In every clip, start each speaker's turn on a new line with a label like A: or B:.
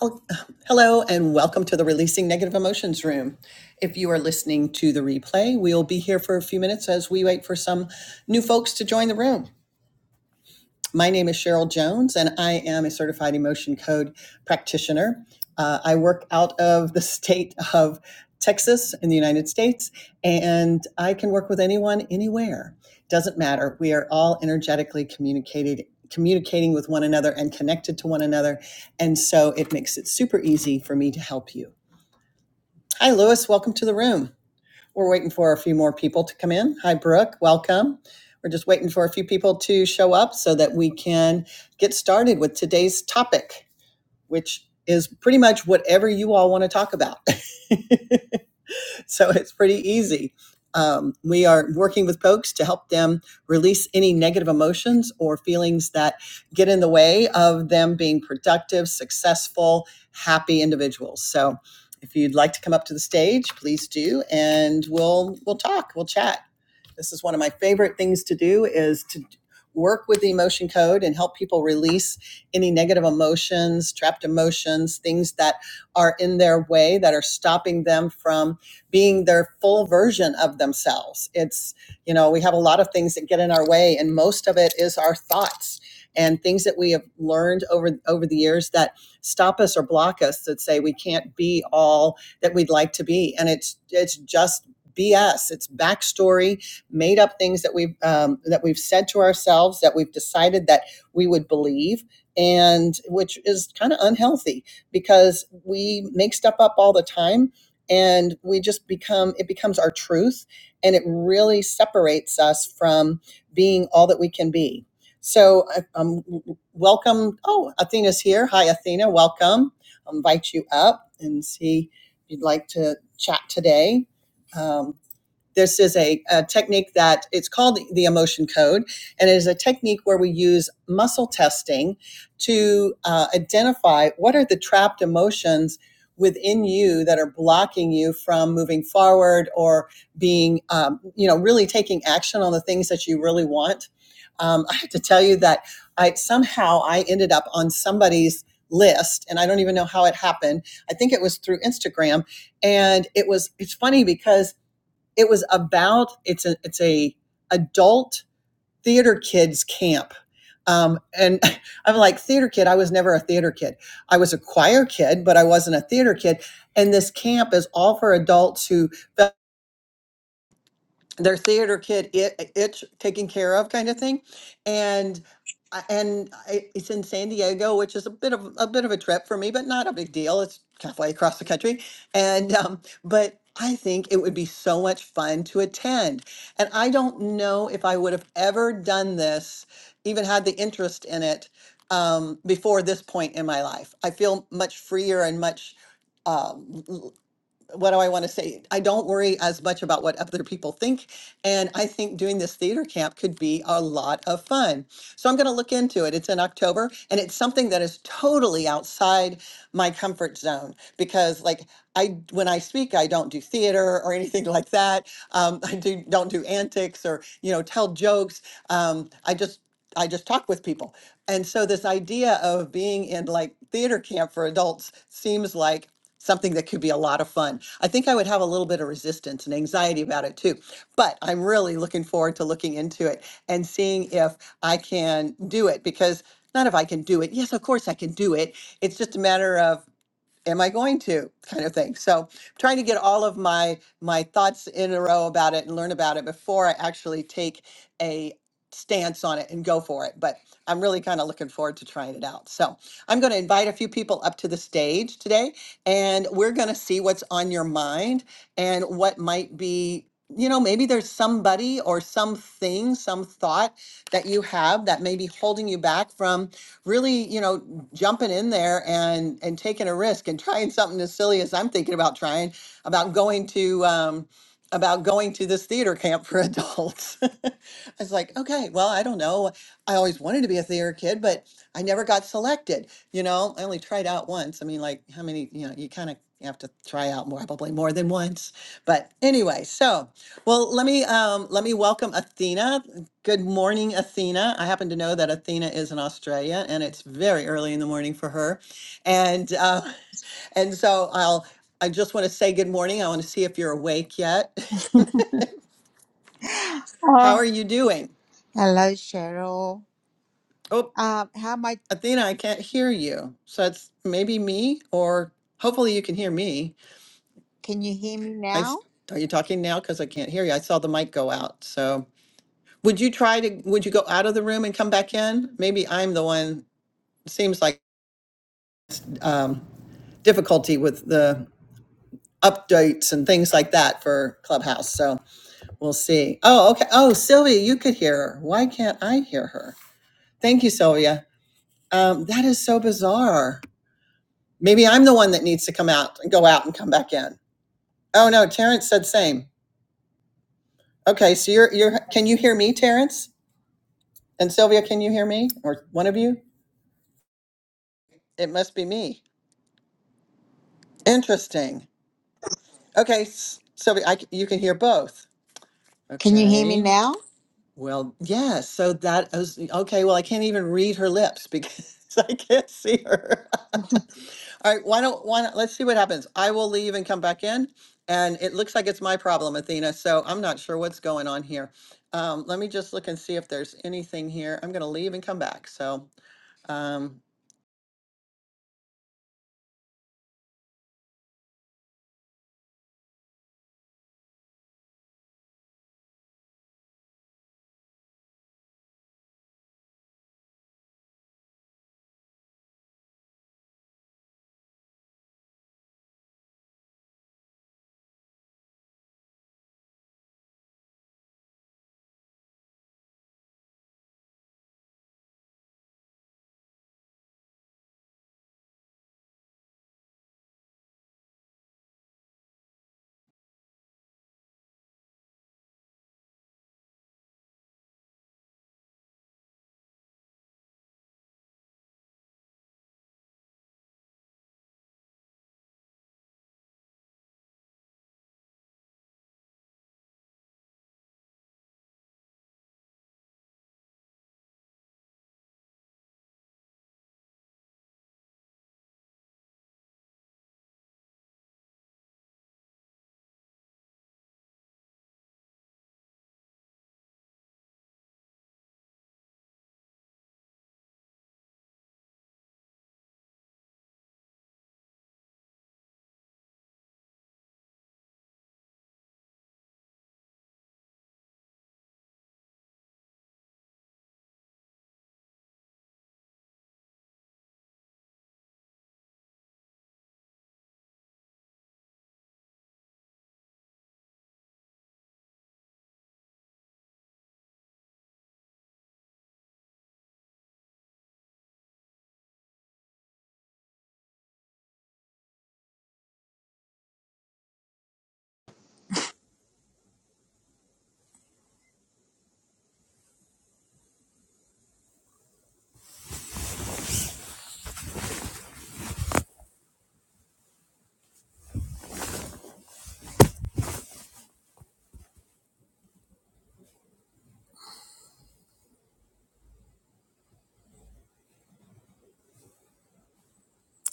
A: Oh, Hello, and welcome to the Releasing Negative Emotions Room. If you are listening to the replay, we'll be here for a few minutes as we wait for some new folks to join the room. My name is Cheryl Jones, and I am a certified emotion code practitioner. Uh, I work out of the state of Texas in the United States, and I can work with anyone, anywhere. Doesn't matter. We are all energetically communicated, communicating with one another and connected to one another. And so it makes it super easy for me to help you. Hi, Lewis. Welcome to the room. We're waiting for a few more people to come in. Hi, Brooke. Welcome. We're just waiting for a few people to show up so that we can get started with today's topic, which is pretty much whatever you all want to talk about. so it's pretty easy. Um, we are working with folks to help them release any negative emotions or feelings that get in the way of them being productive, successful, happy individuals. So if you'd like to come up to the stage, please do, and we'll we'll talk, we'll chat. This is one of my favorite things to do is to work with the emotion code and help people release any negative emotions, trapped emotions, things that are in their way that are stopping them from being their full version of themselves. It's, you know, we have a lot of things that get in our way and most of it is our thoughts and things that we have learned over over the years that stop us or block us that say we can't be all that we'd like to be and it's it's just BS. It's backstory made up things that we've um, that we've said to ourselves that we've decided that we would believe and which is kind of unhealthy because we make stuff up all the time and we just become it becomes our truth and it really separates us from being all that we can be so um, welcome oh athena's here hi athena welcome i'll invite you up and see if you'd like to chat today Um, this is a, a technique that it's called the emotion code, and it is a technique where we use muscle testing to uh, identify what are the trapped emotions within you that are blocking you from moving forward or being, um, you know, really taking action on the things that you really want. Um, I have to tell you that I somehow I ended up on somebody's list, and I don't even know how it happened. I think it was through Instagram, and it was. It's funny because it was about it's a it's a adult theater kids camp. Um, and I'm like theater kid. I was never a theater kid. I was a choir kid, but I wasn't a theater kid. And this camp is all for adults who their theater kid it, itch taken care of kind of thing and I- and I, it's in San Diego which is a bit of a bit of a trip for me but not a big deal it's halfway across the country and um, but I think it would be so much fun to attend and I don't know if I would have ever done this even had the interest in it um, before this point in my life I feel much freer and much um, what do I want to say? I don't worry as much about what other people think. And I think doing this theater camp could be a lot of fun. So I'm going to look into it. It's in October and it's something that is totally outside my comfort zone because, like, I, when I speak, I don't do theater or anything like that. Um, I do, don't do antics or, you know, tell jokes. Um, I just, I just talk with people. And so this idea of being in like theater camp for adults seems like something that could be a lot of fun. I think I would have a little bit of resistance and anxiety about it too, but I'm really looking forward to looking into it and seeing if I can do it because not if I can do it. Yes, of course I can do it. It's just a matter of am I going to kind of thing. So I'm trying to get all of my my thoughts in a row about it and learn about it before I actually take a stance on it and go for it. But I'm really kind of looking forward to trying it out. So I'm going to invite a few people up to the stage today and we're going to see what's on your mind and what might be you know maybe there's somebody or something some thought that you have that may be holding you back from really, you know, jumping in there and and taking a risk and trying something as silly as I'm thinking about trying about going to um, about going to this theater camp for adults. I was like, okay, well, I don't know. I always wanted to be a theater kid, but I never got selected. You know, I only tried out once. I mean, like, how many? You know, you kind of have to try out more, probably more than once. But anyway, so well, let me um, let me welcome Athena. Good morning, Athena. I happen to know that Athena is in Australia, and it's very early in the morning for her. And uh, and so I'll I just want to say good morning. I want to see if you're awake yet. How
B: Oh,
A: are you doing?
B: Hello, Cheryl.
A: Oh,
B: Um, how am I?
A: Athena, I can't hear you. So it's maybe me, or hopefully you can hear me.
B: Can you hear me
A: I
B: now?
A: s- are you talking now? Because I can't hear you. I saw the mic go out. So would you try to would you go out of the room and come back in? Maybe I'm the one. Seems like um, difficulty with the updates and things like that for Clubhouse. So we'll see. Oh, okay. Oh, Sylvia, you could hear her. Why can't I hear her? Thank you, Sylvia. Um, that is so bizarre. Maybe I'm the one that needs to come out and go out and come back in. Oh no, Terrence said same. Okay, so you're you're can you hear me, Terrence? And Sylvia, can you hear me? Or one of you? It must be me. Interesting. Okay, S- Sylvia, I c you can hear both.
B: Can you hear me
A: Okay.
B: now?
A: Well, yeah, so that I was okay. Well, I can't even read her lips because I can't see her. All right, why don't why not, let's see what happens. I will leave and come back in, and it looks like it's my problem, Athena. So I'm not sure what's going on here. Um, let me just look and see if there's anything here. I'm gonna leave and come back. So, um,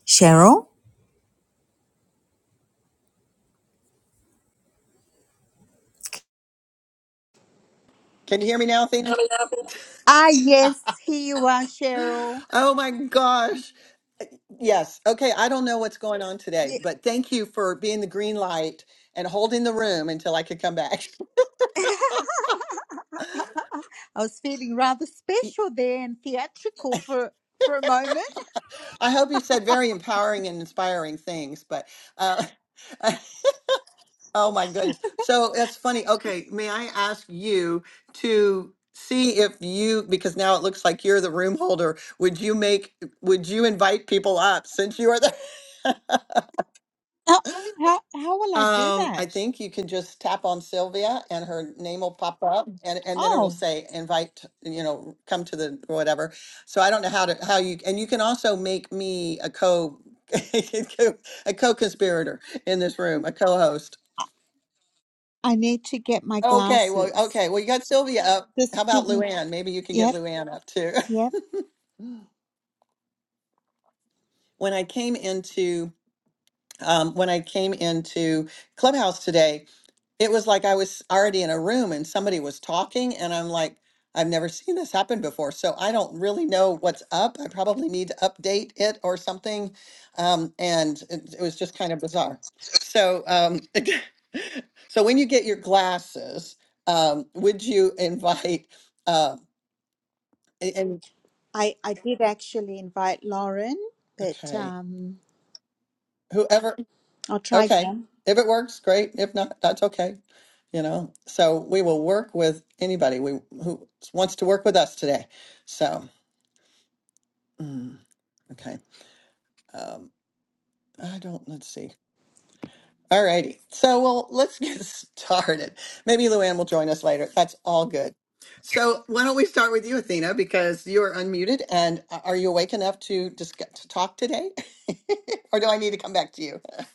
B: Cheryl?
A: can you hear me now, Athena?
B: Ah, yes, here you are, Cheryl.
A: Oh my gosh. Yes. Okay. I don't know what's going on today,
B: Yeah.
A: but thank you for being the green light and holding the room until I could come back.
B: I was feeling rather special there and theatrical for for a moment.
A: I hope you said very empowering and inspiring things, but uh, oh my goodness. So that's funny. Okay, may I ask you to see if you, because now it looks like you're the room holder, would you make, would you invite people up since you are the?
B: How, how how will I do
A: Um, I
B: that?
A: think you can just tap on Sylvia and her name will pop up and, and then it'll
B: Oh,
A: say invite, you know, come to the whatever. So I don't know how to, how you, and you can also make me a co, a co-conspirator in this room, a co-host.
B: I need to get my
A: Okay. Well,
B: glasses.
A: okay. Well, you got Sylvia up.
B: Just
A: How about
B: give me.
A: Luann? Maybe you can get
B: Yep,
A: Luann up too.
B: yep.
A: When I came into um, when I came into Clubhouse today, it was like I was already in a room and somebody was talking, and I'm like, I've never seen this happen before. So I don't really know what's up. I probably need to update it or something. Um, and it, it was just kind of bizarre. So, um, so when you get your glasses, um, would you invite, uh, a- and
B: I I did actually invite Lauren, but
A: okay,
B: um,
A: whoever?
B: I'll try
A: Okay.
B: again.
A: If it works, great. If not, that's okay. You know, so we will work with anybody we who wants to work with us today. So, mm, okay. Um, I don't, let's see. All righty. So, well, let's get started. Maybe Luann will join us later. That's all good. So, why don't we start with you, Athena, because you're unmuted and a- are you awake enough to just to talk today? or do I need to come back to you?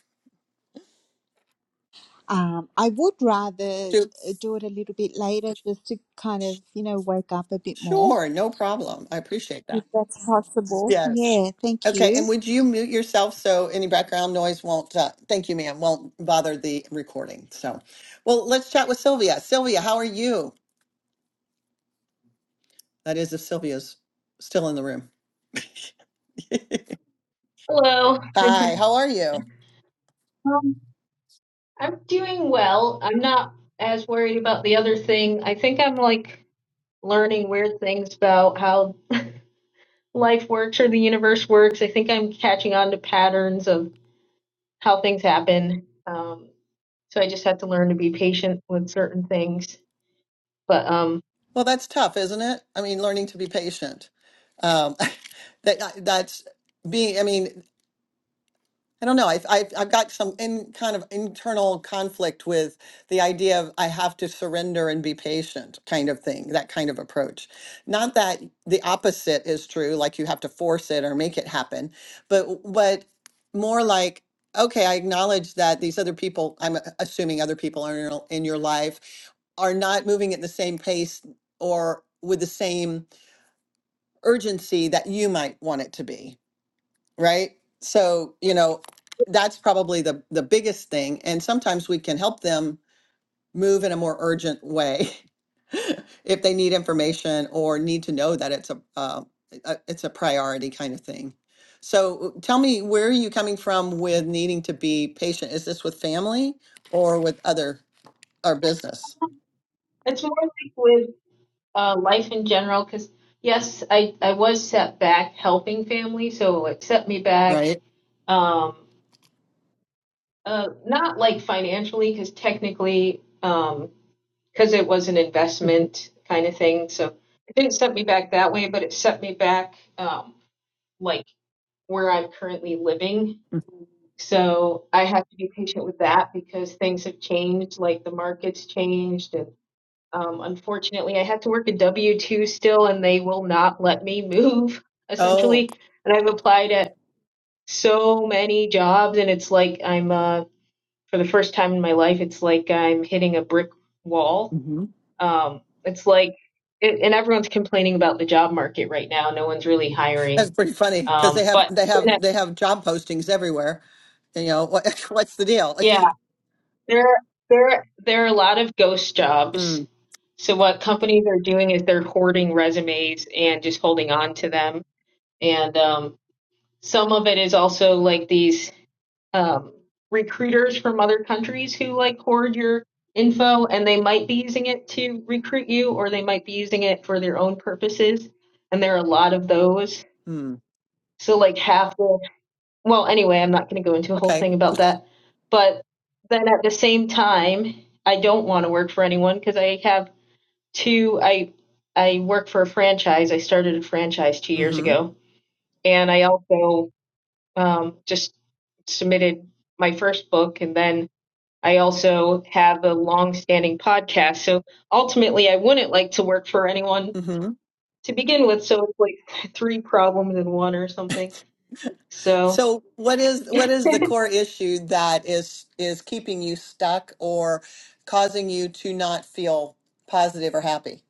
B: Um, I would rather
A: To,
B: uh, do it a little bit later just to kind of, you know, wake up a bit more,
A: sure, no problem. I appreciate that.
B: if that's possible.
A: Yes.
B: Yeah, thank
A: Okay,
B: you.
A: and would you mute yourself so any background noise won't, uh, thank you, ma'am, won't bother the recording. So, well, let's chat with Sylvia. Sylvia, how are you? That is, if Sylvia's still in the room.
C: Hello.
A: Hi, how are you?
C: Um, I'm doing well. I'm not as worried about the other thing. I think I'm like learning weird things about how life works or the universe works. I think I'm catching on to patterns of how things happen. Um, so I just have to learn to be patient with certain things. But um,
A: Well, that's tough, isn't it? I mean, learning to be patient. Um, that that's being. I mean, I don't know. I've, I've, I've got some in kind of internal conflict with the idea of I have to surrender and be patient kind of thing, that kind of approach. Not that the opposite is true, like you have to force it or make it happen, but, w- but more like, okay, I acknowledge that these other people, I'm a- assuming other people are in your, in your life, are not moving at the same pace or with the same urgency that you might want it to be right? So, you know, that's probably the the biggest thing and sometimes we can help them move in a more urgent way if they need information or need to know that it's a, uh, a it's a priority kind of thing. So, tell me where are you coming from with needing to be patient? Is this with family or with other or business,
C: it's more like with uh, life in general, because yes, I, I was set back helping family, so it set me back.
A: right?
C: Um, Uh, not like financially, because technically, um, because it was an
A: Mhm.
C: investment kind of thing, so it didn't set me back that way, but it set me back um, like where I'm currently living. So I have to be patient with that because things have changed, like the market's changed, and um, unfortunately, I have to work a W two still, and they will not let me move
A: Oh,
C: essentially. And I've applied at so many jobs, and it's like I'm uh for the first time in my life, it's like I'm hitting a brick wall.
A: mhm.
C: Um, it's like, it, and everyone's complaining about the job market right now. No one's really
A: that's
C: hiring.
A: pretty funny because they
C: Um,
A: have
C: but
A: they have they have job postings everywhere. You know, what, what's the deal?
C: yeah, there there there are a lot of ghost jobs. So what companies are doing is they're hoarding resumes and just holding on to them. And um, some of it is also like these um, recruiters from other countries who like hoard your info and they might be using it to recruit you or they might be using it for their own purposes and there are a lot of those
A: Hmm.
C: so like half the well anyway i'm not going to go into a whole
A: Okay.
C: thing about that but then at the same time i don't want to work for anyone because i have two i i work for a franchise i started a franchise two years
A: Mm-hmm.
C: ago and i also um, just submitted my first book and then I also have a long-standing podcast. So ultimately, I wouldn't like to work for anyone
A: Mm-hmm.
C: to begin with. So it's like three problems in one or something. So,
A: So what is what is the core issue that is is keeping you stuck or causing you to not feel positive or happy?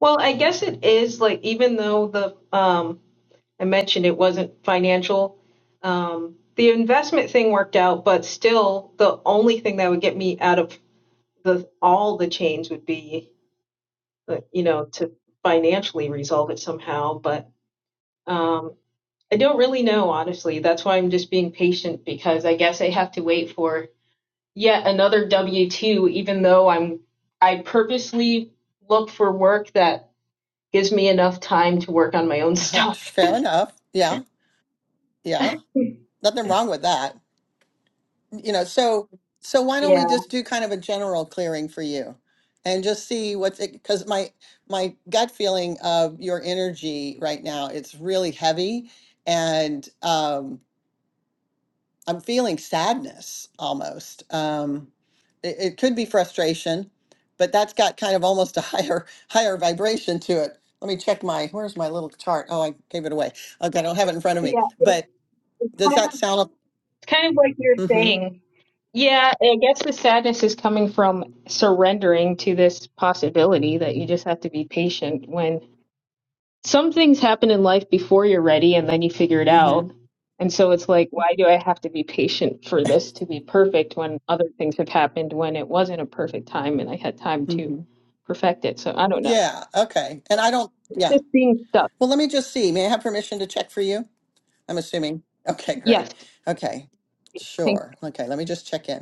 C: well, I guess it is like even though the um, I mentioned it wasn't financial, um, the investment thing worked out, but still, the only thing that would get me out of the all the change would be, uh, you know, to financially resolve it somehow. But um, I don't really know, honestly. That's why I'm just being patient because I guess I have to wait for yet another W two, even though I'm I purposely look for work that gives me enough time to work on my own
A: uh
C: stuff.
A: Fair enough. Yeah. Yeah. Nothing wrong with that. You know, so so why don't
C: Yeah,
A: we just do kind of a general clearing for you and just see what's it because my my gut feeling of your energy right now, it's really heavy and um I'm feeling sadness almost. Um, it, it could be frustration, but that's got kind of almost a higher higher vibration to it. Let me check my where's my little chart? Oh, I gave it away. Okay, I don't have it in front of me.
C: yeah. It's,
A: But
C: it's
A: does
C: kind
A: that
C: of
A: sound?
C: it's kind of like you're
A: Mm-hmm.
C: saying. Yeah, I guess the sadness is coming from surrendering to this possibility that you just have to be patient when some things happen in life before you're ready and then you figure it out.
A: Mm-hmm.
C: And so it's like, why do I have to be patient for this to be perfect when other things have happened when it wasn't a perfect time and I had time to
A: Mm-hmm.
C: perfect it? So I don't know.
A: Yeah. Okay. And I don't. Yeah.
C: Just being stuck.
A: Well, let me just see. May I have permission to check for you? I'm assuming. Okay.
C: Yes.
A: Great. Okay.
C: Thank
A: Sure. Okay. Let me just check in.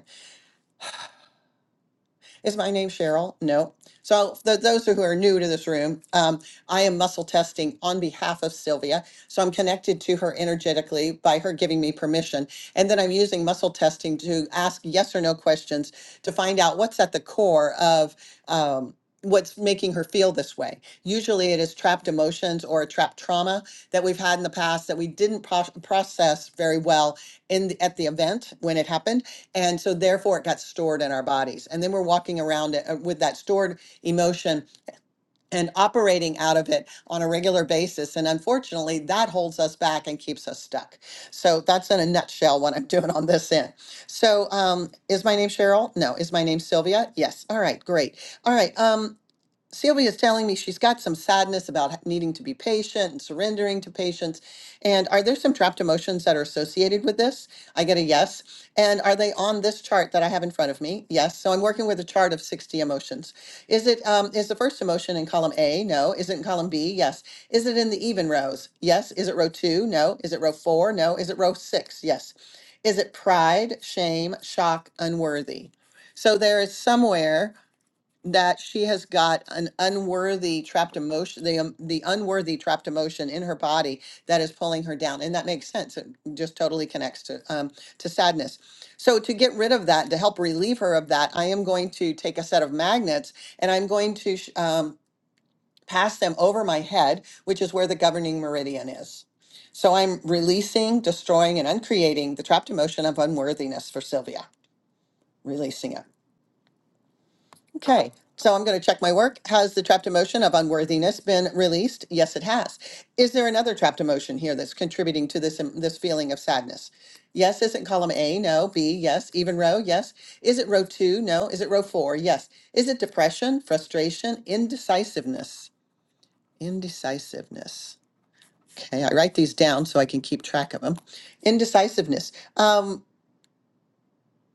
A: Is my name Cheryl? No. So for those who are new to this room, um, I am muscle testing on behalf of Sylvia. So I'm connected to her energetically by her giving me permission. And then I'm using muscle testing to ask yes or no questions to find out what's at the core of um, what's making her feel this way. Usually it is trapped emotions or a trapped trauma that we've had in the past that we didn't pro- process very well in the, at the event when it happened and so therefore it got stored in our bodies. And then we're walking around it, uh, with that stored emotion and operating out of it on a regular basis. And unfortunately, that holds us back and keeps us stuck. So that's in a nutshell what I'm doing on this end. So um, is my name Cheryl? No. Is my name Sylvia? Yes. All right, great. All right. Um, Sylvia's telling me she's got some sadness about needing to be patient and surrendering to patience. And are there some trapped emotions that are associated with this? I get a yes. And are they on this chart that I have in front of me? Yes. So I'm working with a chart of 60 emotions. Is it um, is the first emotion in column A? No. Is it in column B? Yes. Is it in the even rows? Yes. Is it row two? No. Is it row four? No. Is it row six? Yes. Is it pride, shame, shock, unworthy? So there is somewhere that she has got an unworthy trapped emotion, the, um, the unworthy trapped emotion in her body that is pulling her down. And that makes sense. It just totally connects to, um, to sadness. So to get rid of that, to help relieve her of that, I am going to take a set of magnets and I'm going to, sh- um, pass them over my head, which is where the governing meridian is. So I'm releasing, destroying, and uncreating the trapped emotion of unworthiness for Sylvia, releasing it. Okay, so I'm going to check my work. Has the trapped emotion of unworthiness been released? Yes, it has. Is there another trapped emotion here that's contributing to this um, this feeling of sadness? Yes, isn't column A? No. B? Yes. Even row? Yes. Is it row two? No. Is it row four? Yes. Is it depression, frustration, indecisiveness? Indecisiveness. Okay, I write these down so I can keep track of them. Indecisiveness. Um,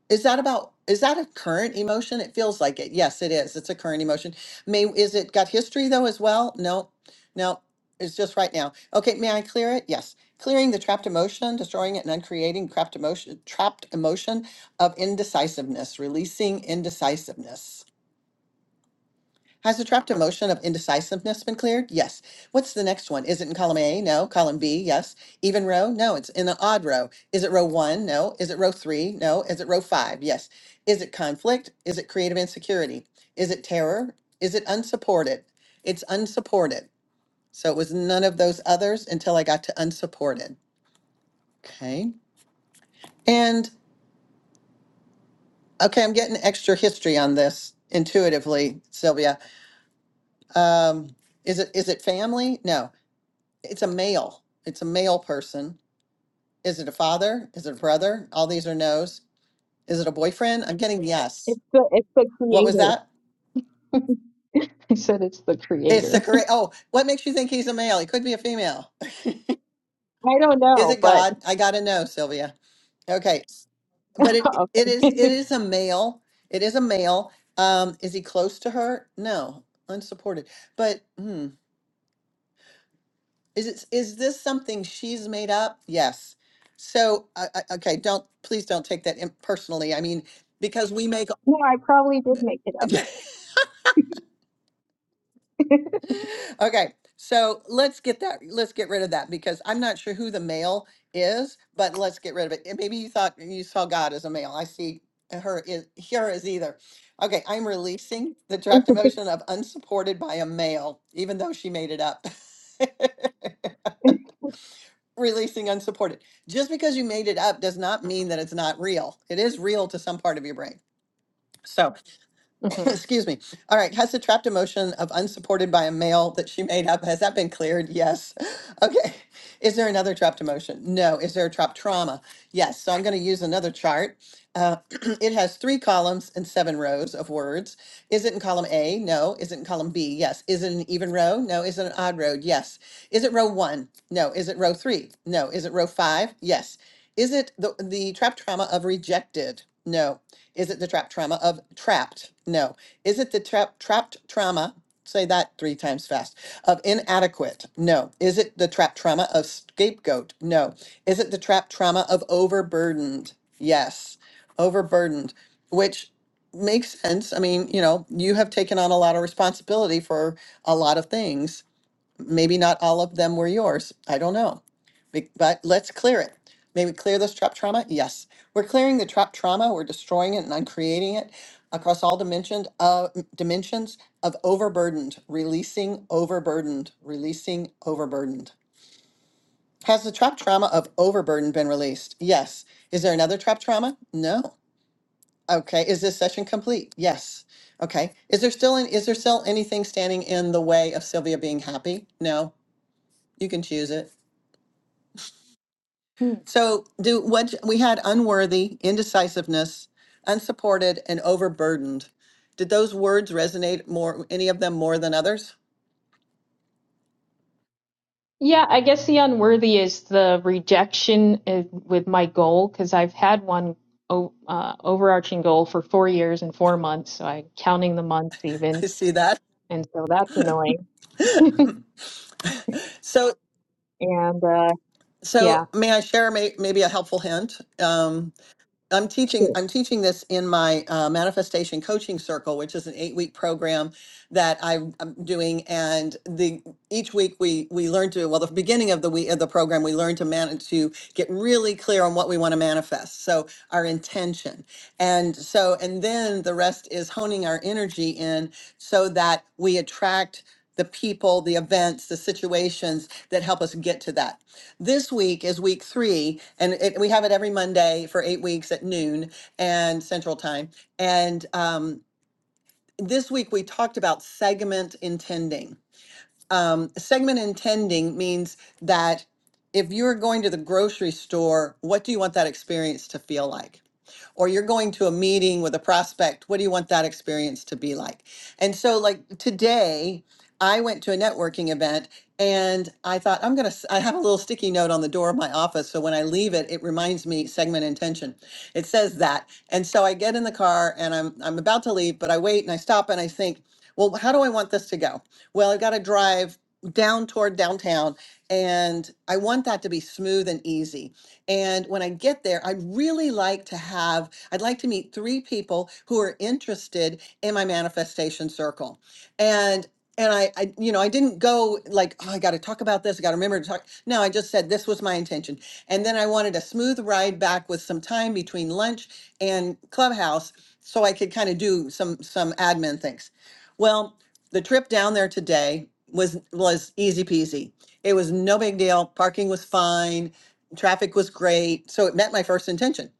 A: is that about, is that a current emotion? It feels like it. Yes, it is. It's a current emotion. May, is it got history though as well? No, no, it's just right now. Okay, may I clear it? Yes. Clearing the trapped emotion, destroying it and uncreating trapped emotion, trapped emotion of indecisiveness, releasing indecisiveness. Has the trapped emotion of indecisiveness been cleared? Yes. What's the next one? Is it in column A? No. Column B? Yes. Even row? No. It's in the odd row. Is it row one? No. Is it row three? No. Is it row five? Yes. Is it conflict? Is it creative insecurity? Is it terror? Is it unsupported? It's unsupported. So it was none of those others until I got to unsupported. Okay. And okay, I'm getting extra history on this intuitively, Sylvia. Um, is it is it family? No. It's a male. It's a male person. Is it a father? Is it a brother? All these are no's. Is it a boyfriend? I'm getting yes.
C: it's the it's the
A: What was
C: creator.
A: that?
C: I said it's the
A: It's the
C: creator.
A: correct. Oh, what makes you think he's a male? He could be a female.
C: I don't
A: Is
C: know,
A: it
C: but
A: God? I gotta know, Sylvia. Okay, but it it is it
C: okay.
A: is a male. It is a male. Um, is he close to her? No, unsupported. But hmm, is it is this something she's made up? Yes. So I I- okay, don't please don't take that im- personally. I mean, because we make
C: no, I probably did make it up.
A: Okay, so let's get that, let's get rid of that because I'm not sure who the male is, but let's get rid of it. And Maybe you thought you saw God as a male. I see her is here as either. Okay, I'm releasing the trapped emotion of unsupported by a male, even though she made it up. Releasing unsupported. Just because you made it up does not mean that it's not real. It is real to some part of your brain. So.
C: Mm-hmm.
A: Excuse me. All right. Has the trapped emotion of unsupported by a male that she made up, has that been cleared? Yes. Okay. Is there another trapped emotion? No. Is there a trapped trauma? Yes. So I'm going to use another chart. Uh, it has three columns and seven rows of words. Is it in column A? No. Is it in column B? Yes. Is it an even row? No. Is it an odd row? Yes. Is it row one? No. Is it row three? No. Is it row five? Yes. Is it the, the trapped trauma of rejected? No. Is it the trapped trauma of trapped? No. Is it the trap, trapped trauma? Say that three times fast. Of inadequate? No. Is it the trapped trauma of scapegoat? No. Is it the trapped trauma of overburdened? Yes. Overburdened, which makes sense. I mean, you know, you have taken on a lot of responsibility for a lot of things Maybe not all of them were yours. I don't know. Be- But let's clear it. Maybe clear this trap trauma? Yes. We're clearing the trap trauma. We're destroying it and uncreating it across all dimensions of dimensions of overburdened, releasing overburdened, releasing overburdened. Has the trap trauma of overburden been released? Yes. Is there another trap trauma? No. Okay. Is this session complete? Yes. Okay. Is there still an, is there still anything standing in the way of Sylvia being happy? No. You can choose it.
C: Hmm.
A: So do what we had unworthy, indecisiveness, unsupported, and overburdened. Did those words resonate more, any of them more than others?
C: Yeah, I guess the unworthy is the rejection uh, with my goal because I've had one o uh, overarching goal for four years and four months, so I'm counting the months even,
A: I see that.
C: and so that's annoying.
A: So,
C: And uh, yeah,
A: so may I share may, maybe a helpful hint? Um, I'm teaching
C: sure,
A: I'm teaching this in my uh, manifestation coaching circle, which is an eight week program that I'm, I'm doing. And the each week we we learn to well the beginning of the week of the program we learn to man to get really clear on what we want to manifest. So our intention, and so and then the rest is honing our energy in so that we attract the people, the events, the situations that help us get to that. This week is week three, and it, we have it every Monday for eight weeks at noon and Central Time. And um, this week we talked about segment intending. Um, segment intending means that if you're going to the grocery store, what do you want that experience to feel like? or you're going to a meeting with a prospect, what do you want that experience to be like? And so, like today, I went to a networking event and I thought, I'm going to, I have a little sticky note on the door of my office. So when I leave it, it reminds me segment intention. It says that. And so I get in the car and I'm, I'm about to leave, but I wait and I stop and I think, well, how do I want this to go? Well, I've got to drive down toward downtown and I want that to be smooth and easy. And when I get there, I'd really like to have, I'd like to meet three people who are interested in my manifestation circle. And and I, I, you know, I didn't go like, oh, I got to talk about this. I got to remember to talk. No, I just said this was my intention. And then I wanted a smooth ride back with some time between lunch and clubhouse so I could kind of do some, some admin things. Well, the trip down there today was, was easy peasy. It was no big deal. Parking was fine Traffic was great, so it met my first intention.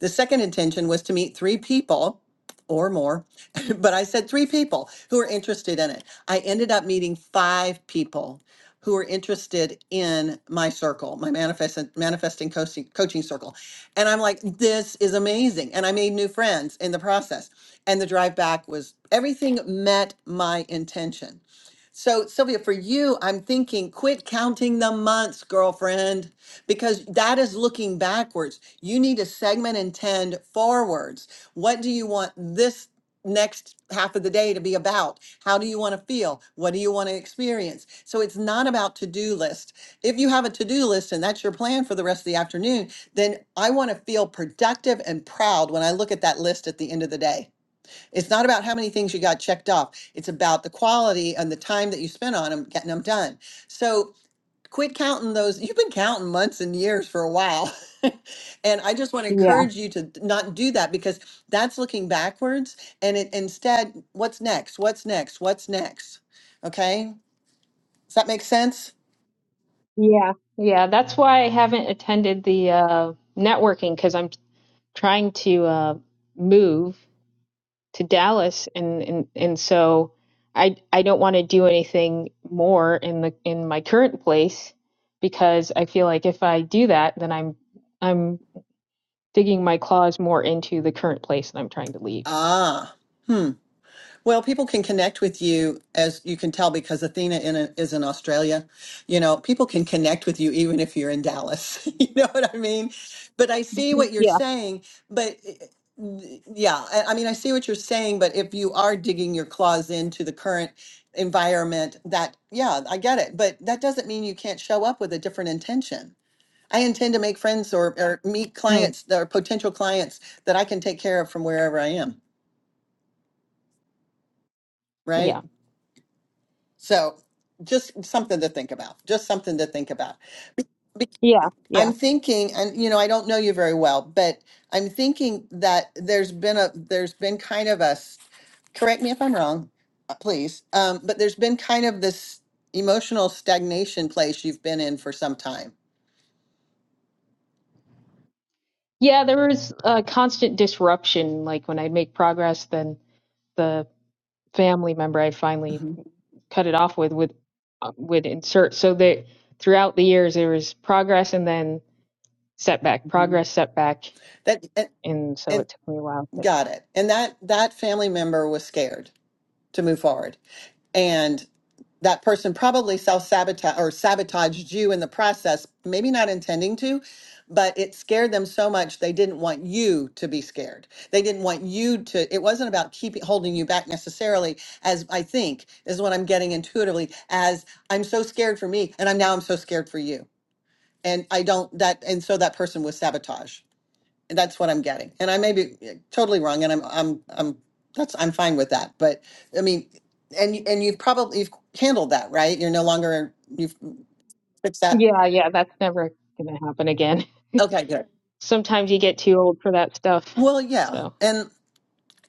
A: The second intention was to meet three people or more, but I said three people who were interested in it. I ended up meeting five people who were interested in my circle, my manifest, manifesting coaching, coaching circle. And I'm like, this is amazing. And I made new friends in the process. And the drive back was everything met my intention. So, Sylvia, for you, I'm thinking quit counting the months, girlfriend because that is looking backwards. You need to segment and tend forwards. What do you want this next half of the day to be about? How do you want to feel? What do you want to experience? So it's not about to-do list. If you have a to-do list and that's your plan for the rest of the afternoon, then I want to feel productive and proud when I look at that list at the end of the day. It's not about how many things you got checked off. It's about the quality and the time that you spent on them, getting them done. So quit counting those. You've been counting months and years for a while. and I just want to
C: yeah,
A: encourage you to not do that because that's looking backwards and it instead what's next? What's next? What's next? Okay? Does that make sense?
C: yeah, yeah. That's why I haven't attended the uh, networking because I'm trying to uh, move. to Dallas and and and so I I don't want to do anything more in the in my current place because I feel like if I do that then I'm I'm digging my claws more into the current place that I'm trying to leave.
A: Ah. hmm. Well, people can connect with you as you can tell because Athena in a, is in Australia. You know, people can connect with you even if you're in Dallas. you know what I mean? But I see what you're
C: Yeah.
A: saying. But eh, yeah, I, I mean, I see what you're saying. But if you are digging your claws into the current environment, that, yeah, I get it. But that doesn't mean you can't show up with a different intention. I intend to make friends or, or meet
C: Mm.
A: clients that are potential clients that I can take care of from wherever I am. Right.
C: Yeah.
A: So just something to think about. Just something to think about. Be- be-
C: Yeah. Yeah.
A: I'm thinking, and you know, I don't know you very well, but I'm thinking that there's been a there's been kind of a s- correct me if I'm wrong, uh, please. Um, but there's been kind of this emotional stagnation place you've been in for some time.
C: Yeah, there was a constant disruption like when I'd make progress then the family member I finally
A: hmm
C: cut it off with would uh, would insert so that throughout the years there was progress and then setback,
A: hmm
C: progress setback.
A: That and,
C: And so it
A: and
C: took me a while to,
A: got it. And that that family member was scared to move forward and that person probably self sabotage or sabotaged you in the process, maybe not intending to, but it scared them so much they didn't want you to be scared. They didn't want you to, it wasn't about keeping holding you back necessarily, as I think is what I'm getting intuitively, as I'm so scared for me and I'm now I'm so scared for you. And I don't that and so that person was sabotage. That's what I'm getting, and I may be eh, totally wrong, and I'm I'm I'm that's I'm fine with that. But I mean, and you- and you've probably you've handled that, right? You're no longer you've fixed that.
C: yeah, yeah, that's never going to happen again.
A: Okay, good.
C: Sometimes you get too old for that stuff.
A: Well, yeah,
C: So,
A: and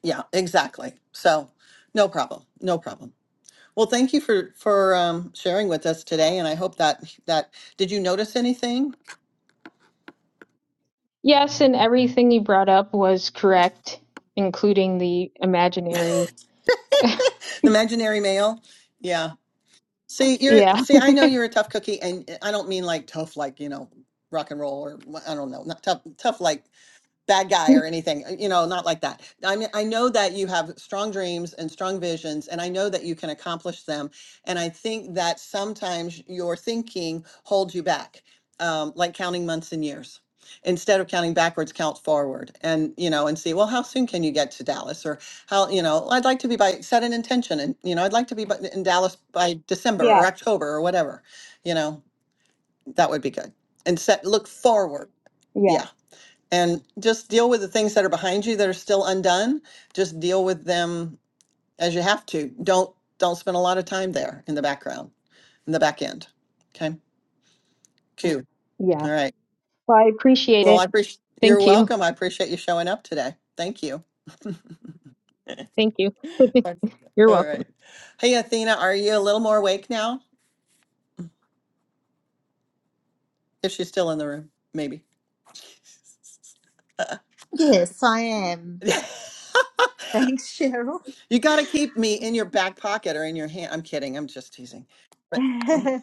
A: yeah, exactly. So no problem, no problem. Well, thank you for for um, sharing with us today, and I hope that that did you notice anything?
C: yes, and everything you brought up was correct, including the imaginary.
A: The imaginary mail. Yeah. See, you're
C: Yeah,
A: see, I know you're a tough cookie, and eh, I don't mean like tough like, you know, rock and roll or wha- I don't know, not tough tough like bad guy or anything, uh, you know, not like that. I mean, I know that you have strong dreams and strong visions, and I know that you can accomplish them. And I think that sometimes your thinking holds you back, um, like counting months and years. Instead of counting backwards, count forward and, you know, and see, well, how soon can you get to Dallas? Or how, you know, I'd like to be by, set an intention and, you know, I'd like to be by- in Dallas by December
C: yeah,
A: or October or whatever, you know, that would be good. And set, look forward.
C: yeah,
A: Yeah and just deal with the things that are behind you that are still undone just deal with them as you have to don't don't spend a lot of time there in the background in the back end okay q
C: yeah.
A: all right
C: Well, I appreciate
A: well
C: it.
A: i appreciate you're
C: Thank you.
A: welcome i appreciate you showing up today thank you
C: Thank you. You're
A: all
C: welcome.
A: right hey athena are you a little more awake now if she's still in the room maybe
B: Yes, I am. Thanks, Cheryl.
A: you got to keep me in your back pocket or in your hand i'm kidding i'm just teasing but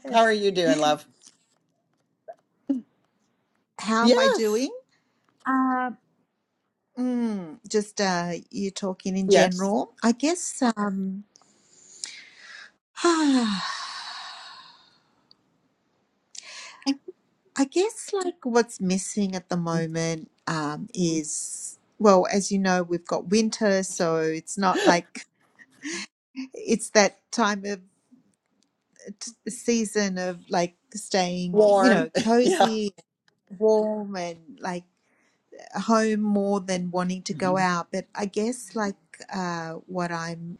A: how are you doing love
B: How am I doing?
A: yes
B: Um, mm, just uh, you talking in
A: yes
B: general. I guess, um, I guess like what's missing at the moment um, is, well, as you know, we've got winter, so it's not like it's that time of t- season of like staying, you know,
A: warm. yeah.
B: cozy, warm, and like home more than wanting to go
A: Mhm.
B: out. But I guess like uh, what I'm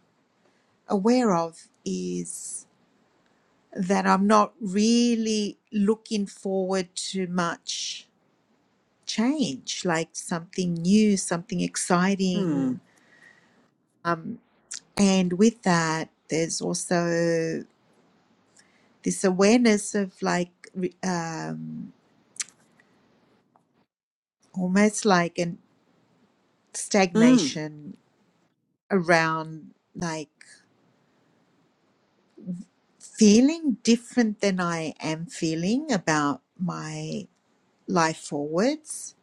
B: aware of is that I'm not really looking forward to much change, like something new, something
A: Hmm.
B: exciting. Um, and with that, there's also this awareness of like re- um, almost like an
A: Mm.
B: stagnation around like feeling different than I am feeling about my life forwards.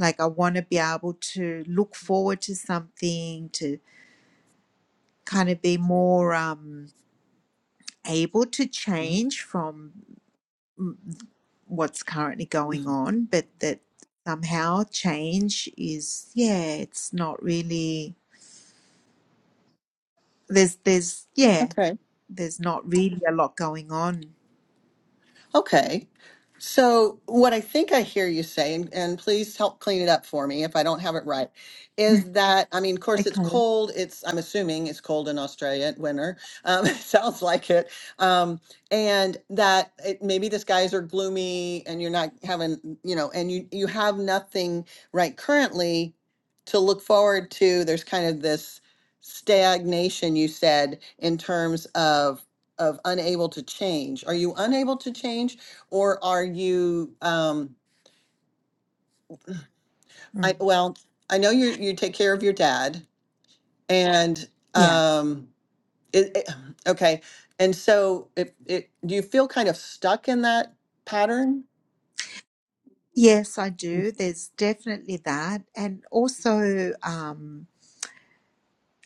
B: Like I want to be able to look forward to something to kind of be more um, able to change from what's currently going
A: Mhm.
B: on, but that somehow change is yeah, it's not really there's there's yeah
A: Okay.
B: there's not really a lot going on
A: Okay. So, what I think I hear you say, and, and please help clean it up for me if I don't have it right, is that, I mean, of course, it's
B: okay
A: cold. It's, I'm assuming it's cold in Australia at winter. Um, it sounds like it. Um, and that it, maybe the skies are gloomy and you're not having, you know, and you, you have nothing right currently to look forward to. There's kind of this stagnation, you said, in terms of of unable to change. Are you unable to change or are you, um,
B: mm.
A: I, well, I know you, you take care of your dad and,
B: yeah
A: um, it, it- okay. And so it, it, do you feel kind of stuck in that pattern?
B: yes i do there's definitely that and also um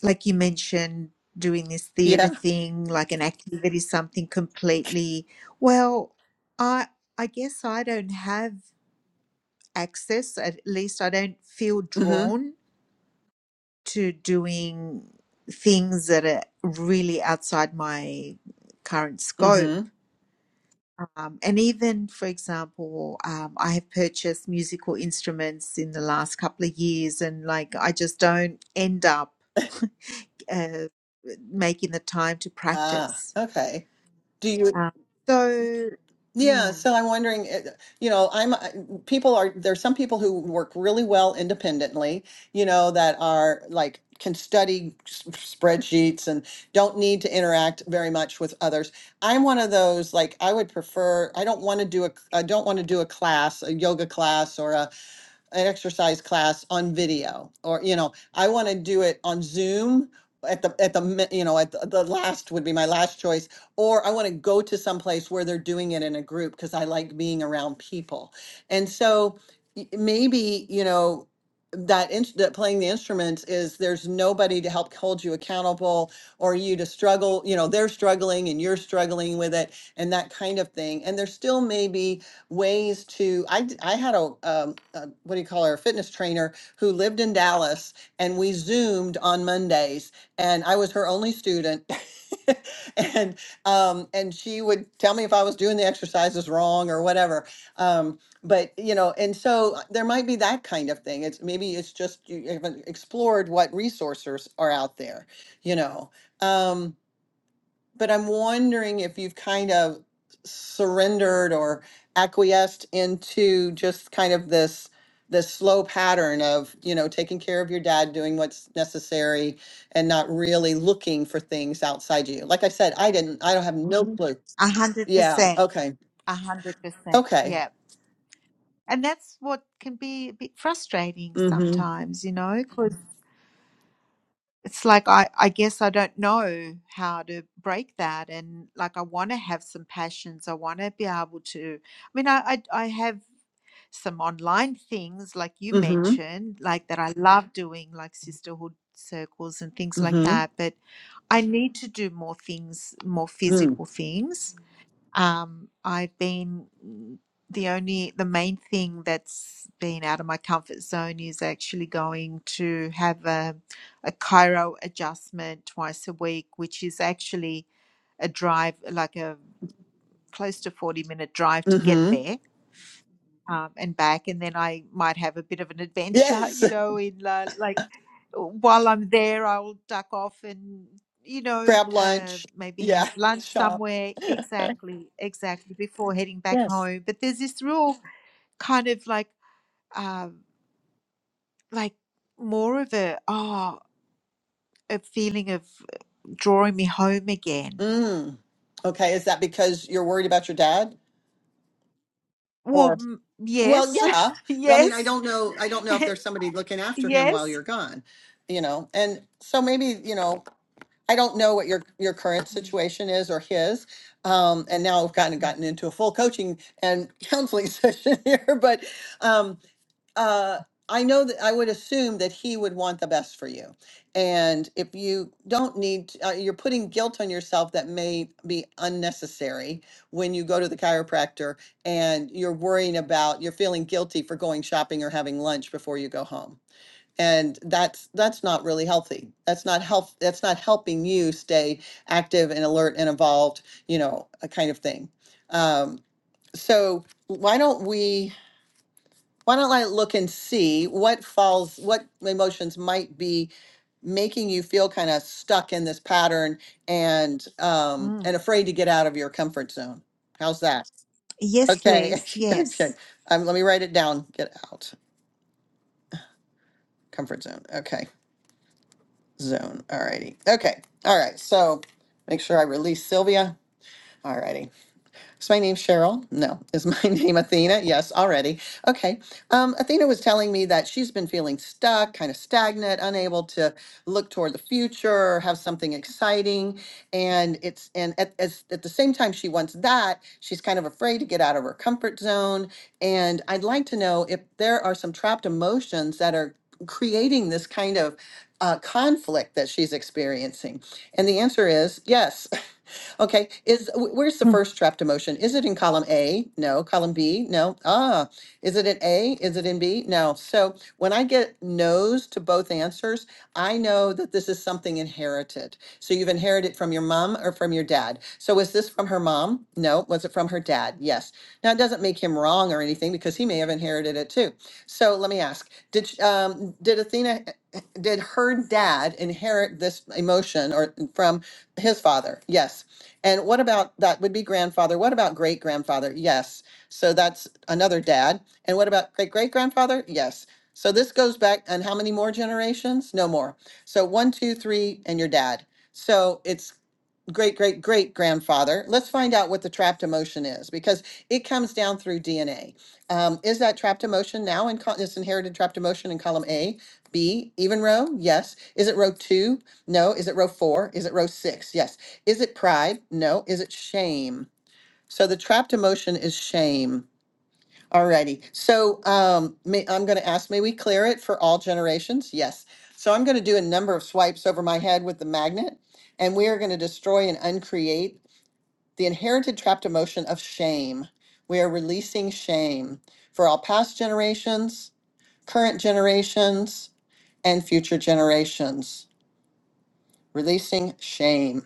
B: like you mentioned doing this
A: Yeah.
B: theater thing like an activity something completely well i i guess i don't have access at least i don't feel
A: Mm-hmm.
B: drawn to doing things that are really outside my current scope
A: Mm-hmm.
B: Um, and even, for example, um, I have purchased musical instruments in the last couple of years, and like I just don't end up uh, making the time to
A: Ah,
B: practice.
A: okay. Do you?
B: Um, so,
A: Yeah,
B: mm,
A: so I'm wondering, uh, you know, I'm uh, people are there's some people who work really well independently, you know, that are like can study s- spreadsheets and don't need to interact very much with others. I'm one of those like I would prefer I don't want to do a I don't want to do a class, a yoga class or a an exercise class on video or, you know, I want to do it on Zoom at the, at the, mi- you know, at the, the last would be my last choice. Or I want to go to some place where they're doing it in a group because I like being around people. And so y- maybe, you know, that, ins- that playing the instruments is there's nobody to help hold you accountable or you to struggle, you know, they're struggling and you're struggling with it and that kind of thing. And there still may be ways to i d- I had a, um, a what do you call her a fitness trainer who lived in dallas and we zoomed on mondays and i was her only student and um and she would tell me if i was doing the exercises wrong or whatever um but you know and so uh, there might be that kind of thing it's maybe it's just you haven't explored what resources are out there you know Um, but I'm wondering if you've kind of surrendered or acquiesced into just kind of this this slow pattern of you know taking care of your dad doing what's necessary and not really looking for things outside you like i said i didn't i don't have no Mhm. clue
B: a hundred
A: yeah
B: percent,
A: okay
B: a hundred percent,
A: okay
B: yeah. And that's what can be a bit frustrating
A: mm-hmm
B: sometimes, you know, because it's like I, I guess I don't know how to break that. And like, I want to have some passions. I want to be able to, I mean, I, I, I have some online things like you
A: mm-hmm
B: mentioned, like that I love doing, like sisterhood circles and things like that.
A: mm-hmm
B: But I need to do more things, more
A: mm,
B: physical things um, I've been mm, the only, the main thing that's been out of my comfort zone is actually going to have a, a chiro adjustment twice a week, which is actually a drive, like a close to 40 minute drive to get
A: mm-hmm
B: there um, and back, and then I might have a bit of an adventure,
A: yes
B: you know, in uh, like while I'm there, I'll duck off and you know
A: grab
B: uh,
A: lunch
B: maybe
A: yeah
B: have lunch
A: shop
B: somewhere. Exactly, exactly before heading back
A: yes
B: home. But there's this real kind of like um, like more of a oh a feeling of drawing me home again.
A: mm okay is that because you're worried about your dad
B: Well, mm,
A: Well,
B: yes,
A: yeah. I mean, I
B: yes,
A: don't know. I don't know if there's somebody looking after him while
B: yes.
A: you're gone, you know. And so maybe, you know, I don't know what your your current
B: Mm,
A: situation is or his. Um, and now I've kind of
B: mm,
A: gotten into a full coaching and counseling session here, but um, uh, I know that I would assume that he would want the best for you. And if you don't need, to- uh, you're putting guilt on yourself that may be unnecessary when you go to the chiropractor and you're worrying about, you're feeling guilty for going shopping or having lunch before you go home. And that's that's not really healthy. That's not health. That's not helping you stay active and alert and involved. You know, a kind of thing. Um, so why don't we? Why don't I look and see what falls, what emotions might be making you feel kind of stuck in this pattern and um
B: mm.
A: and afraid to get out of your comfort zone. How's that?
B: Yes,
A: Okay.
B: please.
A: okay.
B: Yes.
A: Um, let me write it down. Get out. Comfort zone. Okay. Zone. Alrighty. Okay. All right. So make sure I release Sylvia. Alrighty. Is my name Cheryl? No. Is my name Athena? Yes, already. Okay. Um, Athena was telling me that she's been feeling stuck, kind of stagnant, unable to look toward the future, have something exciting, and it's and at, as, at the same time she wants that, she's kind of afraid to get out of her comfort zone. And I'd like to know if there are some trapped emotions that are creating this kind of uh, conflict that she's experiencing. And the answer is yes. Okay, is, wh- where's the first trapped emotion? Is it in column A? No. Column B? No. Ah, is it in A? Is it in B? No. So when I get no's to both answers, I know that this is something inherited. So you've inherited from your mom or from your dad. So is this from her mom? No. Was it from her dad? Yes. Now, it doesn't make him wrong or anything because he may have inherited it too. So let me ask, did, sh- um, did Athena, did her dad inherit this emotion or from his father? Yes. And what about that would be grandfather? What about great grandfather? Yes. So that's another dad. And what about great great grandfather? Yes. So this goes back and how many more generations? No more. So one, two, three, and your dad. So it's great great great grandfather let's find out what the trapped emotion is because it comes down through dna um, is that trapped emotion now in col- this inherited trapped emotion in column a b even row yes is it row two no is it row four is it row six yes is it pride no is it shame so the trapped emotion is shame Alrighty, so um, may, I'm gonna ask, may we clear it for all generations? Yes. So I'm gonna do a number of swipes over my head with the magnet, and we are gonna destroy and uncreate the inherited trapped emotion of shame. We are releasing shame for all past generations, current generations, and future generations. Releasing shame.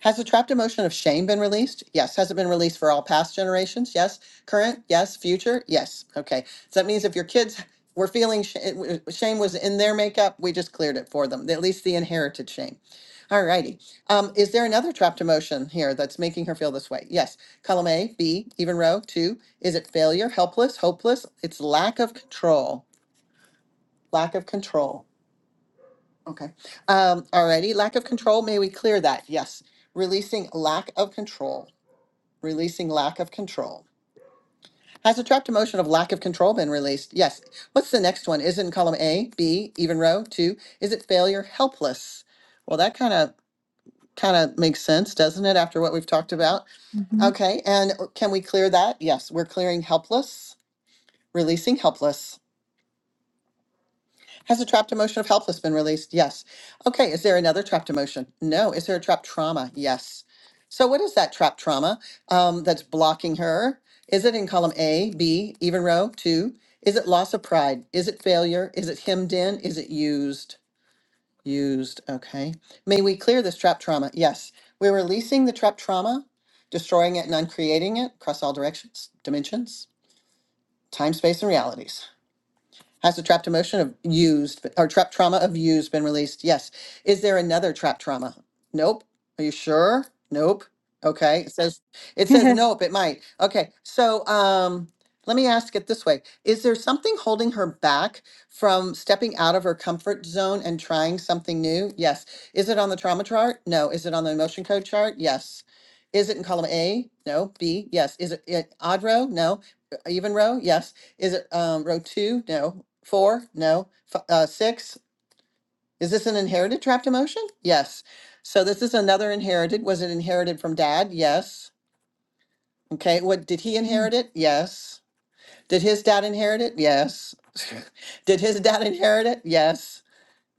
A: Has the trapped emotion of shame been released? Yes. Has it been released for all past generations? Yes. Current? Yes. Future? Yes. Okay. So that means if your kids were feeling sh- it w- shame was in their makeup, we just cleared it for them, at least the inherited shame. All righty. Um, is there another trapped emotion here that's making her feel this way? Yes. Column A, B, even row, two. Is it failure, helpless, hopeless? It's lack of control. Lack of control. Okay. Um, all righty. Lack of control. May we clear that? Yes. Releasing lack of control releasing lack of control. Has a trapped emotion of lack of control been released? Yes. What's the next one? Is it in column A, B, even row? Two. Is it failure, helpless? Well, that kind of kind of makes sense, doesn't it? After what we've talked about.
B: Mhm.
A: Okay. And uh, can we clear that? Yes, we're clearing helpless, releasing helpless. Has a trapped emotion of helpless been released? Yes. Okay, is there another trapped emotion? No. Is there a trapped trauma? Yes. So, what is that trapped trauma um, that's blocking her? Is it in column A, B, even row, two? Is it loss of pride? Is it failure? Is it hemmed in? Is it used? Used. Okay. May we clear this trapped trauma? Yes. We're releasing the trapped trauma, destroying it and uncreating it across all directions, dimensions, time, space, and realities. Has the trapped emotion of used or trapped trauma of used been released? Yes. Is there another trapped trauma? Nope. Are you sure? Nope. Okay. It says it says nope, it might. Okay. So um let me ask it this way. Is there something holding her back from stepping out of her comfort zone and trying something new? Yes. Is it on the trauma chart? No. Is it on the emotion code chart? Yes. Is it in column A? No. B? Yes. Is it, it odd row? No. E, Even row? Yes. Is it um, row two? No. Four? No. F- uh, six? Is this an inherited trapped emotion? Yes. So this is another inherited. Was it inherited from dad? Yes. Okay. What did he
B: mm
A: inherit it? Yes. Did his dad inherit it? Yes. did his dad inherit it? Yes.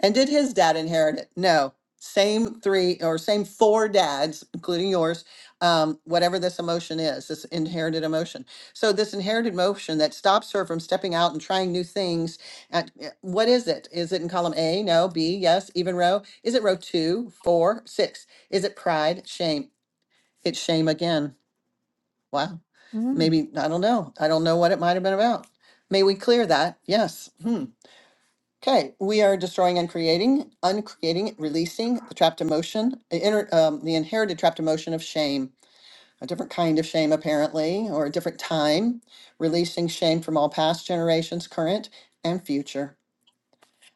A: And did his dad inherit it? No. Same three or same four dads, including yours, um, whatever this emotion is, this inherited emotion. So, this inherited emotion that stops her from stepping out and trying new things. At, eh, what is it? Is it in column A? No. B? Yes. Even row? Is it row two, four, six? Is it pride, shame? It's shame again. Wow.
B: mm
A: Maybe, I don't know. I don't know what it might have been about. May we clear that? Yes. Hmm. Okay, we are destroying and creating, uncreating, releasing the trapped emotion, the, inner, um, the inherited trapped emotion of shame, a different kind of shame apparently, or a different time, releasing shame from all past generations, current and future.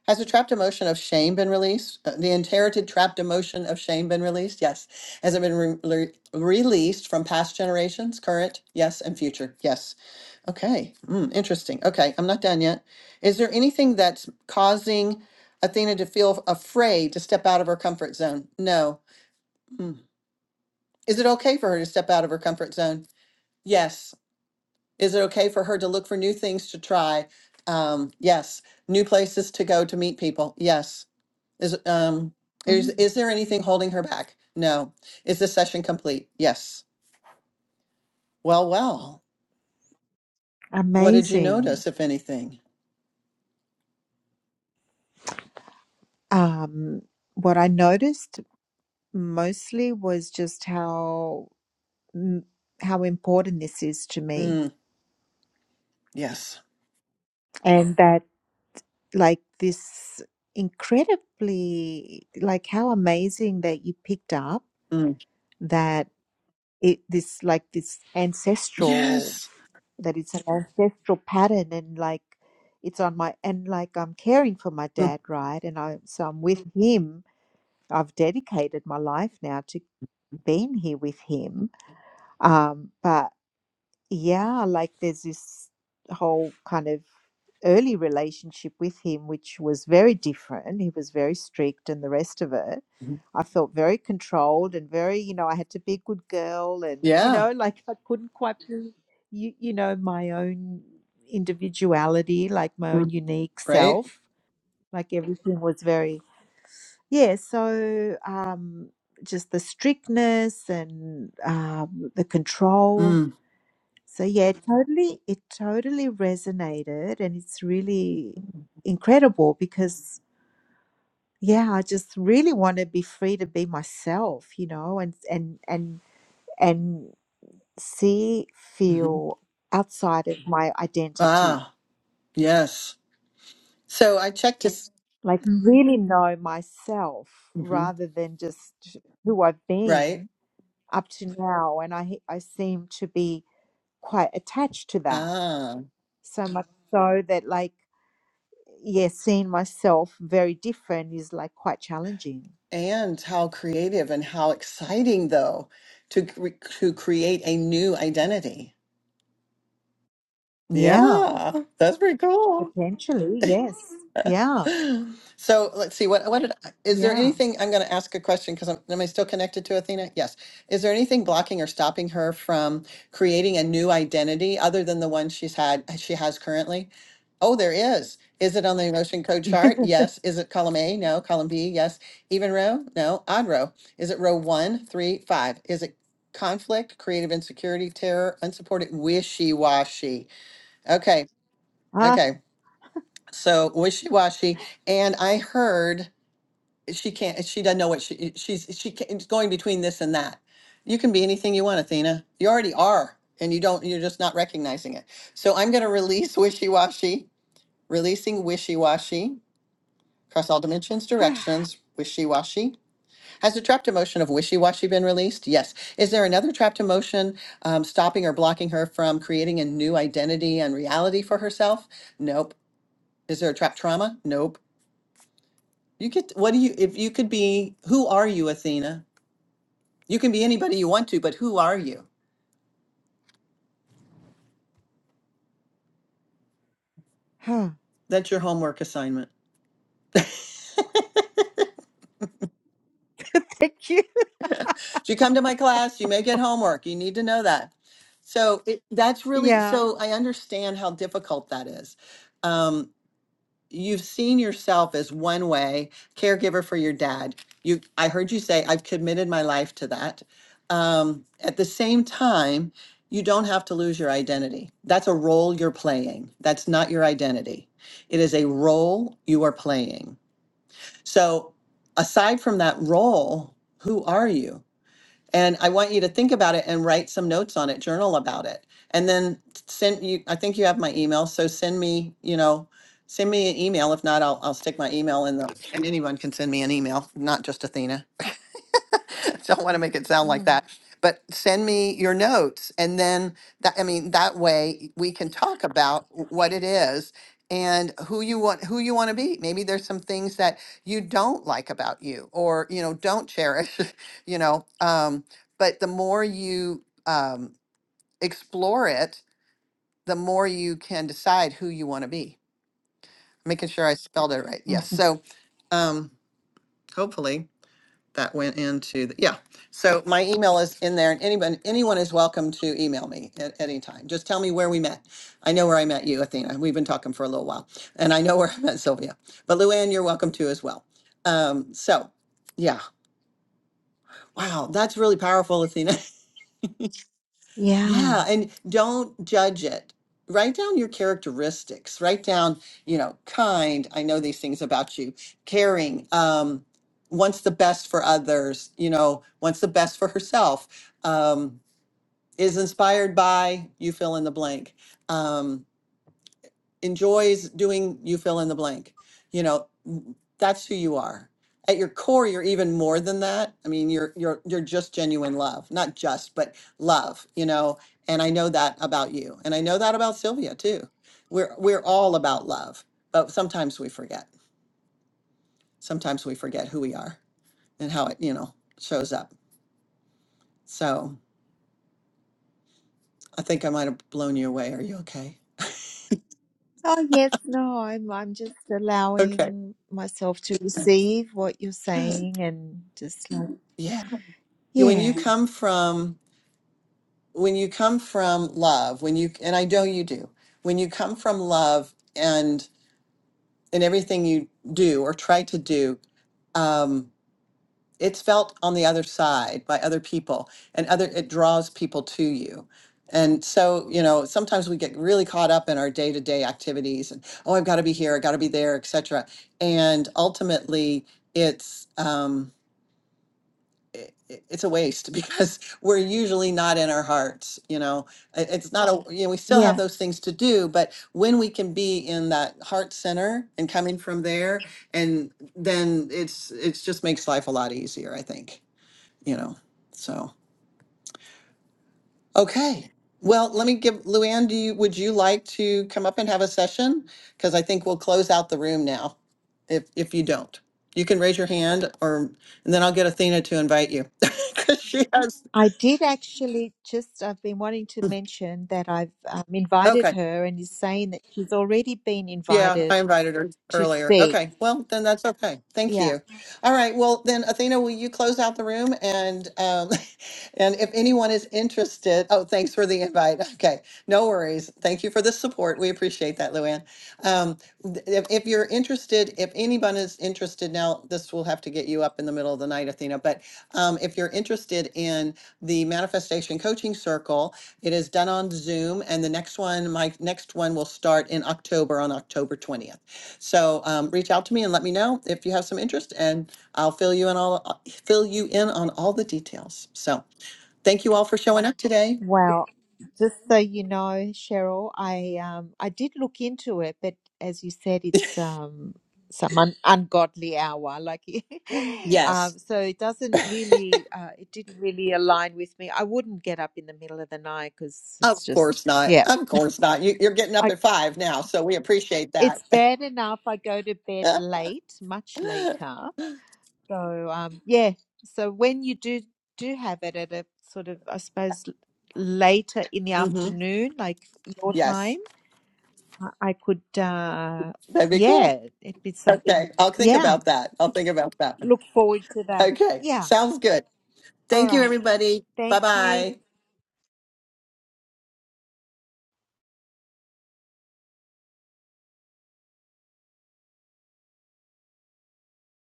A: Has the trapped emotion of shame been released? Uh, The inherited trapped emotion of shame been released? Yes. Has it been re- le- released from past generations, current? Yes, and future? Yes. Okay. Mm, interesting. Okay, I'm not done yet. Is there anything that's causing Athena to feel afraid to step out of her comfort zone? No. Mm. Is it okay for her to step out of her comfort zone? Yes. Is it okay for her to look for new things to try? Um, yes. New places to go to meet people? Yes. Is um is
B: mm.
A: is there anything holding her back? No. Is the session complete? Yes. Well, well. What did you
B: Amazing.
A: notice, if anything?
B: Um, what I noticed mostly was just how mm, how important this is to me,
A: Mm, yes.
B: and that like this incredibly like how amazing that you picked up
A: Mm,
B: that it this like this ancestral
A: yes.
B: that it's an ancestral pattern and like it's on my and like I'm caring for my
A: Mm,
B: dad right and I so I'm with him I've dedicated my life now to being here with him. Um, but yeah, like there's this whole kind of early relationship with him, which was very different. He was very strict and the rest of it.
A: mhm.
B: I felt very controlled and very, you know, I had to be a good girl and, you
A: yeah.
B: know, like I couldn't quite be, you, you know, my own individuality, like my own
A: Mm,
B: unique
A: right.
B: self. Like everything was very yeah, so um, just the strictness and um, the control.
A: Mm,
B: So yeah, it totally, it totally resonated, and it's really incredible because yeah, I just really want to be free to be myself, you know, and and and and see,
A: hmm Mm-hmm.
B: feel outside of my identity,
A: Ah. Yes. So I checked to. s-
B: like really know myself
A: mhm,
B: rather than just who I've been
A: Right.
B: up to now and i i seem to be quite attached to that
A: Ah.
B: so much so that like yeah seeing myself very different is like quite challenging
A: And how creative and how exciting though to cre- to create a new identity.
B: yeah
A: Yeah, that's pretty cool.
B: potentially yes yeah
A: So let's see, what, what did, I- is there
B: yeah
A: anything, I'm going to ask a question because I'm, am I still connected to Athena? Yes. Is there anything blocking or stopping her from creating a new identity other than the one she's had, she has currently? Oh, there is. Is it on the emotion code chart? Yes. Is it column A? No. Column B? Yes. Even row? No. Odd row. Is it row one, three, five? Is it conflict, creative insecurity, terror, unsupported, wishy-washy? Okay.
B: ah
A: Okay. So wishy-washy, and I heard she can't. She doesn't know what she eh, she's she can, it's going between this and that. You can be anything you want, Athena. You already are, and you don't. You're just not recognizing it. So I'm going to release wishy-washy. Releasing wishy-washy across all dimensions, directions. Wishy-washy. Has the trapped emotion of wishy-washy been released? Yes. Is there another trapped emotion um, stopping or blocking her from creating a new identity and reality for herself? Nope. Is there a trapped trauma? Nope. You could, what do you, if you could be, who are you, Athena? You can be anybody you want to, but who are you? That's your homework assignment.
B: thank you
A: So you come to my class, you may get homework. You need to know that. So it, that's really,
B: yeah
A: so I understand how difficult that is. Um, you've seen yourself as one way caregiver for your dad you i heard you say i've committed my life to that um, at the same time you don't have to lose your identity that's a role you're playing that's not your identity it is a role you are playing so aside from that role who are you and I want you to think about it and write some notes on it, journal about it. And then send you, I think you have my email. So send me, you know, send me an email. If not, I'll, I'll stick my email in the, and anyone can send me an email, not just Athena. don't want to make it sound like
B: Mm.
A: that but send me your notes and then that i mean that way we can talk about w- what it is and who you want who you want to be maybe there's some things that you don't like about you or you know don't cherish you know um, but the more you um, explore it the more you can decide who you want to be making sure i spelled it right yes
B: Mhm.
A: so um, hopefully that went into, the yeah. So my email is in there and anyone, anyone is welcome to email me at any time. Just tell me where we met. I know where I met you, Athena. We've been talking for a little while and I know where I met Sylvia, but Luann, you're welcome to as well. Um, so yeah, wow, that's really powerful, Athena.
B: yeah
A: Yeah, and don't judge it. Write down your characteristics. Write down, you know, kind. I know these things about you. Caring. Um, wants the best for others. You know, wants the best for herself. Um, is inspired by. You fill in the blank. Um, enjoys doing you fill in the blank. You know, that's who you are. At your core, you're even more than that. I mean, you're you're you're just genuine love, not just, but love, you know. And I know that about you. And I know that about Sylvia too. We're we're all about love, but sometimes we forget. Sometimes we forget who we are and how it, you know, shows up. So, I think I might have blown you away. Are you okay?
B: oh yes no i'm i'm just
A: Okay.
B: allowing myself to receive what you're saying and just like
A: Yeah. You- When you
B: yeah
A: come from when you come from love when you and i know you do when you come from love and in everything you do or try to do um, it's felt on the other side by other people and other it draws people to you and so you know sometimes we get really caught up in our day-to-day activities and oh i've got to be here i got to be there etc and ultimately it's um, it, it- it's a waste because we're usually not in our hearts you know It- it's not a you know we still have
B: yeah
A: those things to do but when we can be in that heart center and coming from there and then it's it's just makes life a lot easier i think you know so okay well let me give luann do you would you like to come up and have a session because i think we'll close out the room now if if you don't you can raise your hand or and then i'll get athena to invite you because she has
B: I did actually just, I've been wanting to mention that I've um, invited
A: Okay.
B: her and is saying that she's already been
A: Yeah, I
B: invited
A: invited her
B: to
A: earlier.
B: speak.
A: Okay. Well, then that's okay. Thank
B: Yeah.
A: you. All right. Well, then Athena, will you close out the room and um and if anyone is interested, oh, thanks for the invite. Okay. No worries. Thank you for the support. We appreciate that, Luann. Um th- if, if you're interested, if anyone is interested now, this will have to get you up in the middle of the night, Athena, but um if you're interested in the manifestation coaching circle, it is done on Zoom, and the next one, my next one will start in October, on October 20th. So um, reach out to me and let me know if you have some interest, and I'll fill you in all, uh, fill you in on all the details. So thank you all for showing up today.
B: Well, just so you know, Cheryl, I um I did look into it, but as you said, it's um some un- ungodly hour, like
A: Yes,
B: um, so it doesn't really, uh, it didn't really align with me. I wouldn't get up in the middle of the night because it's
A: of course
B: just,
A: not.
B: yeah.
A: Of course not. You, you're getting up at five now, so we appreciate that.
B: It's bad enough I go to bed late, much later. So um, yeah. So when you do do have it at a sort of, I suppose, l- later in the
A: hmm
B: afternoon, like your Mhm.
A: Yes,
B: time, I I could, uh,
A: that'd be cool.
B: yeah, it'd be
A: Okay,
B: something.
A: I'll think
B: Yeah,
A: about that. I'll think about that.
B: look forward to that.
A: Okay,
B: Yeah.
A: sounds good.
B: All
A: Thank you,
B: right.
A: everybody. Bye
B: Thank you.
A: bye.